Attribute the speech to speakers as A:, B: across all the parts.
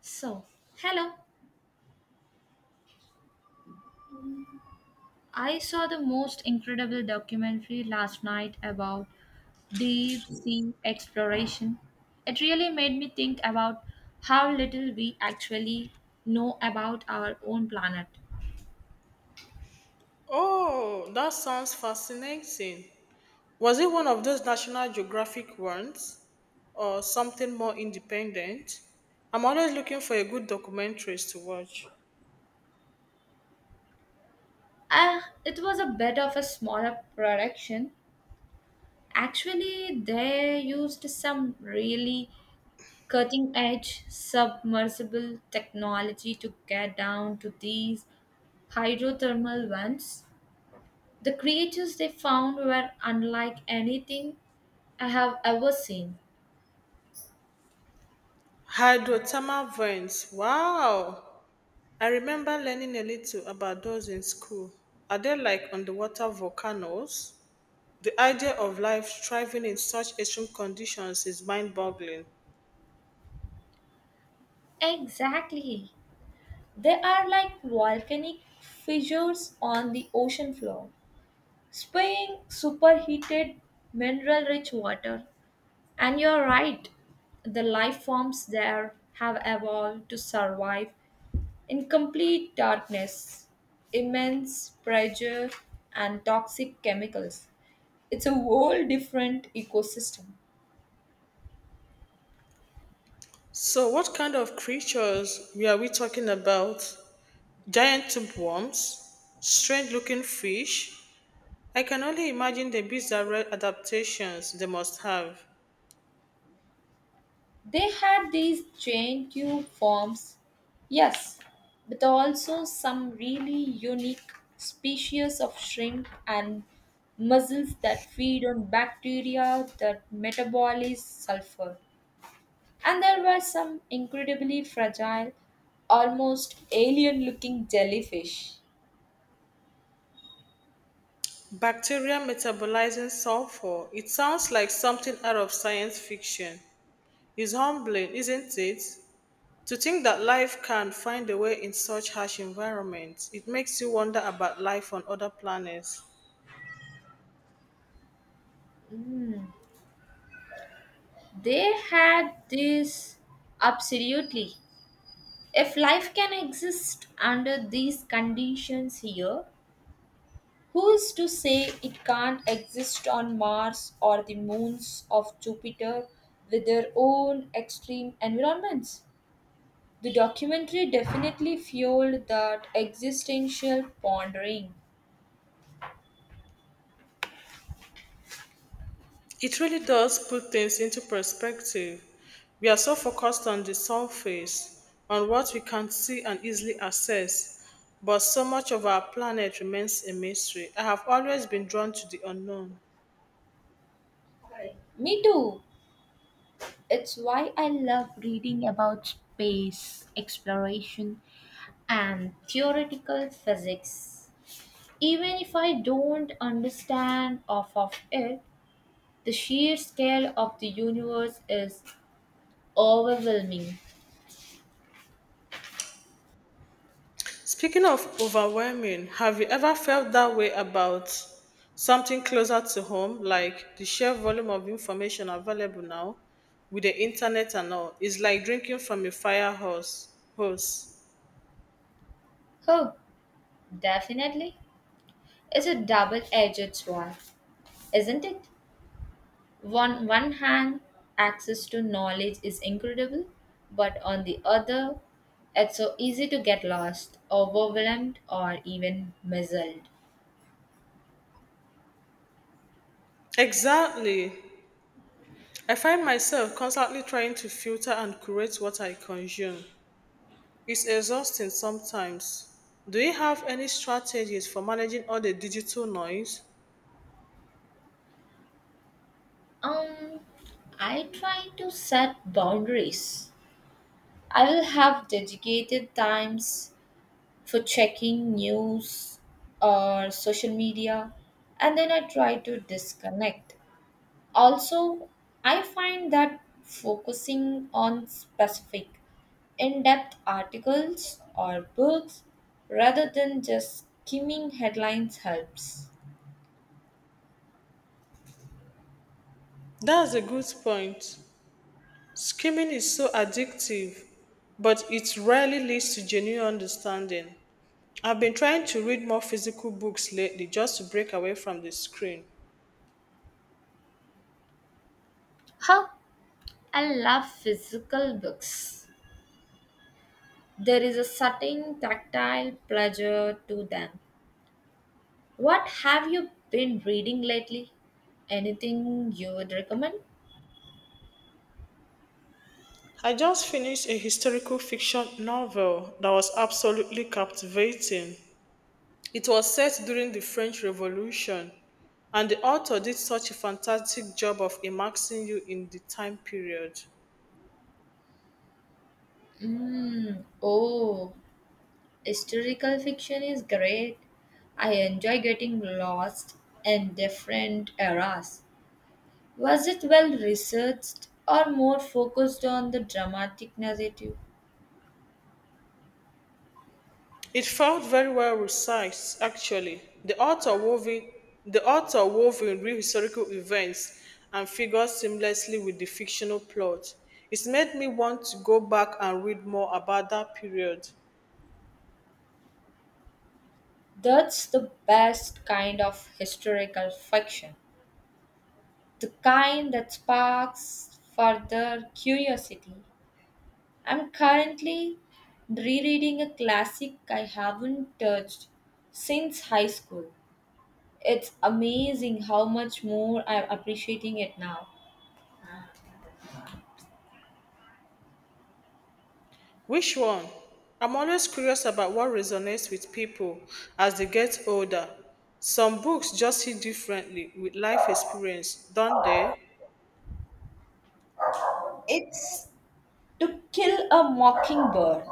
A: So, hello. I saw the most incredible documentary last night about deep sea exploration. It really made me think about how little we actually know about our own planet.
B: Oh, that sounds fascinating. Was it one of those National Geographic ones or something more independent? I'm always looking for a good documentaries to watch.
A: It was a bit of a smaller production. Actually, they used some really cutting edge submersible technology to get down to these hydrothermal vents. The creatures they found were unlike anything I have ever seen.
B: Hydrothermal vents. Wow. I remember learning a little about those in school. Are they like underwater volcanoes? The idea of life thriving in such extreme conditions is mind boggling.
A: Exactly. They are like volcanic fissures on the ocean floor, spewing superheated mineral rich water. And you're right, the life forms there have evolved to survive in complete darkness, immense pressure, and toxic chemicals. It's a whole different ecosystem.
B: So, what kind of creatures were we talking about? Giant tapeworms, strange looking fish. I can only imagine the bizarre adaptations they must have.
A: They had these giant tube forms, yes, but also some really unique species of shrimp and mussels that feed on bacteria that metabolize sulfur. And there were some incredibly fragile, almost alien looking jellyfish.
B: Bacteria metabolizing sulfur. It sounds like something out of science fiction. It's humbling, isn't it? To think that life can find a way in such harsh environments, it makes you wonder about life on other planets.
A: Mm. They had this absolutely. If life can exist under these conditions here, who is to say it can't exist on Mars or the moons of Jupiter with their own extreme environments? The documentary definitely fueled that existential pondering.
B: It really does put things into perspective. We are so focused on the surface, on what we can see and easily access, but so much of our planet remains a mystery. I have always been drawn to the unknown.
A: Me too. It's why I love reading about space exploration and theoretical physics. Even if I don't understand half of it, the sheer scale of the universe is overwhelming.
B: Speaking of overwhelming, have you ever felt that way about something closer to home, like the sheer volume of information available now with the internet and all? It's like drinking from a fire hose.
A: Oh, definitely. It's a double edged sword, isn't it? On one hand, access to knowledge is incredible, but on the other, it's so easy to get lost, overwhelmed, or even misled.
B: Exactly. I find myself constantly trying to filter and curate what I consume. It's exhausting sometimes. Do you have any strategies for managing all the digital noise?
A: Um, I try to set boundaries. I will have dedicated times for checking news or social media, and then I try to disconnect. Also, I find that focusing on specific, in depth articles or books rather than just skimming headlines helps.
B: That's a good point. Skimming is so addictive, but it rarely leads to genuine understanding. I've been trying to read more physical books lately just to break away from the screen.
A: How I love physical books. There is a certain tactile pleasure to them. What have you been reading lately? Anything you would recommend?
B: I just finished a historical fiction novel that was absolutely captivating. It was set during the French Revolution, and the author did such a fantastic job of immersing you in the time period.
A: Mm, oh, historical fiction is great. I enjoy getting lost in different eras. Was it well researched or more focused on the dramatic narrative?
B: It felt very well researched, actually. The author wove in real historical events and figures seamlessly with the fictional plot. It made me want to go back and read more about that period.
A: That's the best kind of historical fiction, the kind that sparks further curiosity. I'm currently rereading a classic I haven't touched since high school. It's amazing how much more I'm appreciating it now.
B: Which one? I'm always curious about what resonates with people as they get older. Some books just hit differently with life experience, don't they?
A: It's To Kill a Mockingbird.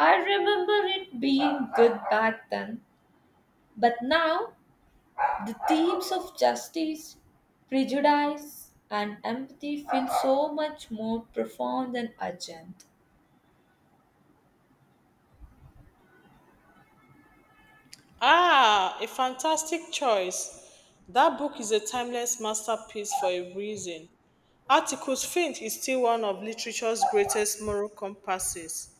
A: I remember it being good back then, but now the themes of justice, prejudice, and empathy feel so much more profound and urgent.
B: Ah, a fantastic choice. That book is a timeless masterpiece for a reason. Articles Fint is still one of literature's greatest moral compasses.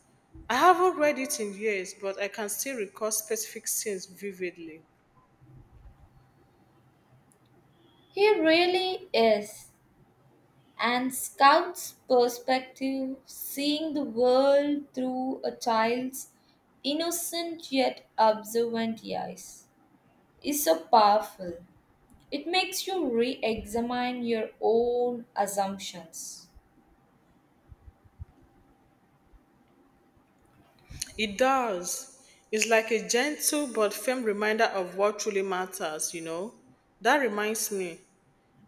B: I haven't read it in years, but I can still recall specific scenes vividly.
A: He really is. And Scout's perspective, seeing the world through a child's innocent yet observant eyes, is so powerful. It makes you re examine your own assumptions.
B: It does. It's like a gentle but firm reminder of what truly matters, you know. That reminds me,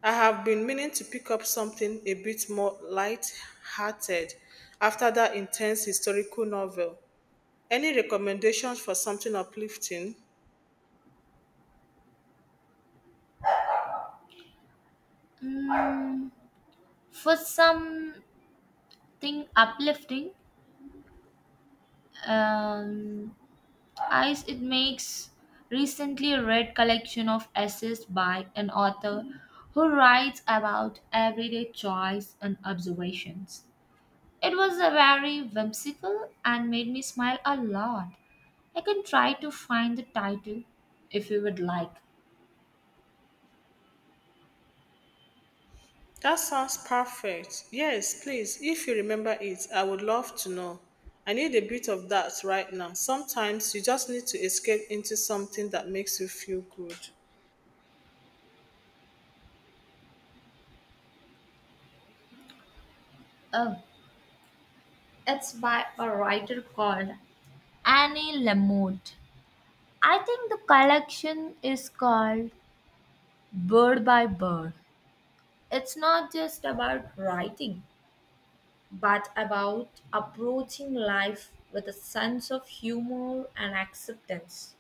B: I have been meaning to pick up something a bit more light-hearted after that intense historical novel. Any recommendations for something uplifting?
A: Mm, for something uplifting, um, eyes, it makes recently read collection of essays by an author who writes about everyday choice and observations. It was a very whimsical and made me smile a lot. I can try to find the title if you would like.
B: That sounds perfect. Yes, please, if you remember it, I would love to know. I need a bit of that right now. Sometimes you just need to escape into something that makes you feel good.
A: Oh, it's by a writer called Annie Lamott. I think the collection is called Bird by Bird. It's not just about writing, but about approaching life with a sense of humor and acceptance.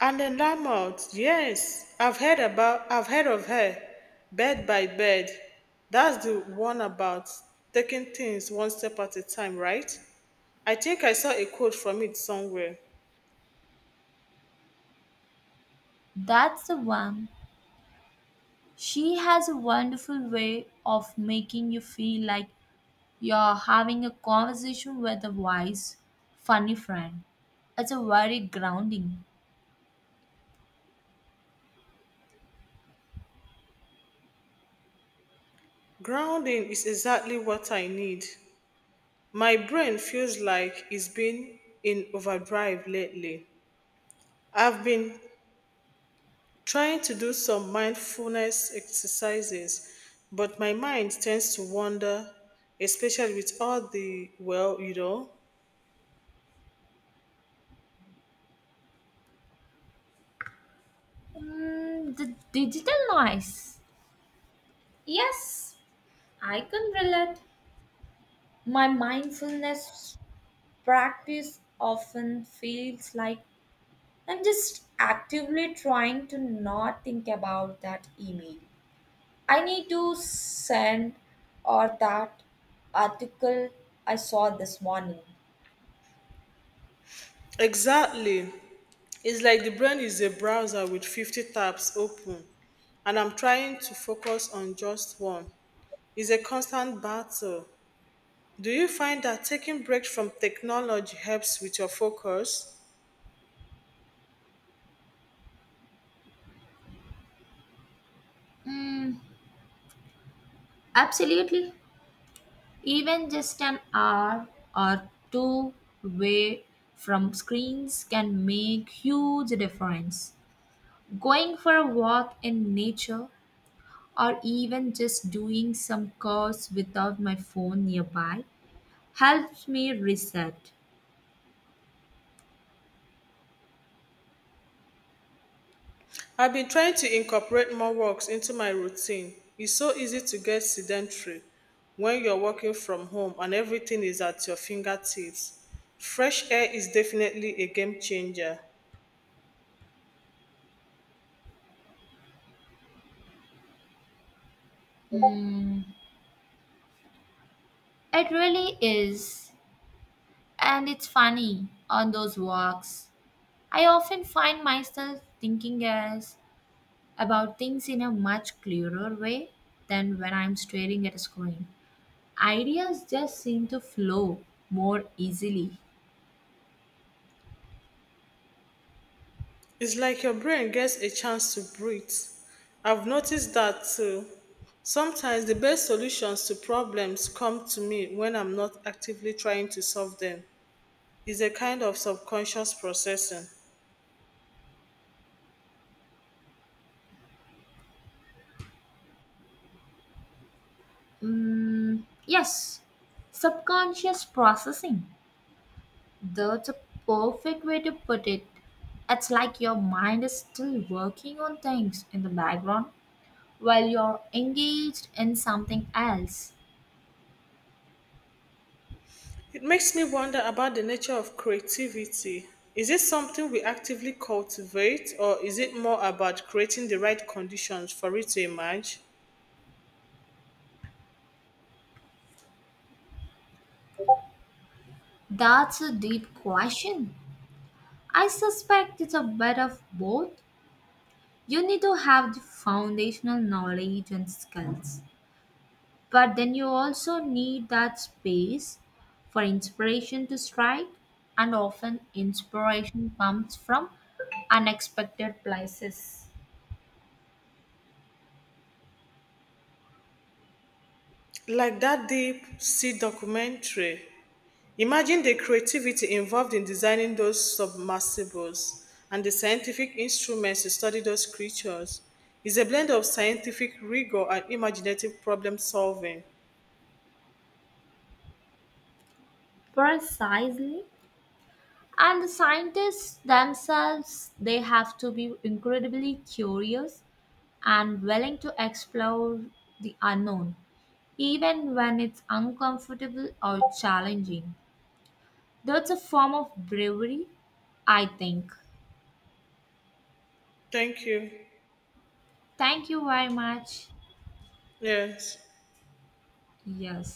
B: And the Lamont, yes, I've heard of her, Bed by Bed. That's the one about taking things one step at a time, right? I think I saw a quote from it somewhere.
A: That's the one. She has a wonderful way of making you feel like you're having a conversation with a wise, funny friend. It's a very grounding.
B: Grounding is exactly what I need. My brain feels like it's been in overdrive lately. I've been trying to do some mindfulness exercises, but my mind tends to wander, especially with all the, well, you know.
A: The digital noise. Yes, I can relate. My mindfulness practice often feels like I'm just actively trying to not think about that email. I need to send or that article I saw this morning.
B: Exactly. It's like the brain is a browser with 50 tabs open, and I'm trying to focus on just one. It's a constant battle. Do you find that taking breaks from technology helps with your focus?
A: Mm, absolutely. Even just an hour or two away from screens can make huge difference. Going for a walk in nature or even just doing some chores without my phone nearby helps me reset.
B: I've been trying to incorporate more walks into my routine. It's so easy to get sedentary when you're working from home and everything is at your fingertips. Fresh air is definitely a game changer.
A: Mm, it really is. And it's funny on those walks. I often find myself thinking as about things in a much clearer way than when I'm staring at a screen. Ideas just seem to flow more easily.
B: It's like your brain gets a chance to breathe. I've noticed that too. Sometimes the best solutions to problems come to me when I'm not actively trying to solve them. It's a kind of subconscious processing.
A: Mm, yes, subconscious processing. That's a perfect way to put it. It's like your mind is still working on things in the background while you're engaged in something else?
B: It makes me wonder about the nature of creativity. Is it something we actively cultivate, or is it more about creating the right conditions for it to emerge?
A: That's a deep question. I suspect it's a bit of both. You need to have the foundational knowledge and skills, but then you also need that space for inspiration to strike, and often inspiration comes from unexpected places.
B: Like that Deep Sea documentary. Imagine the creativity involved in designing those submersibles and the scientific instruments to study those creatures. It's a blend of scientific rigor and imaginative problem solving.
A: Precisely. And the scientists themselves, they have to be incredibly curious and willing to explore the unknown, even when it's uncomfortable or challenging. That's a form of bravery, I think.
B: Thank you.
A: Thank you very much.
B: Yes.
A: Yes.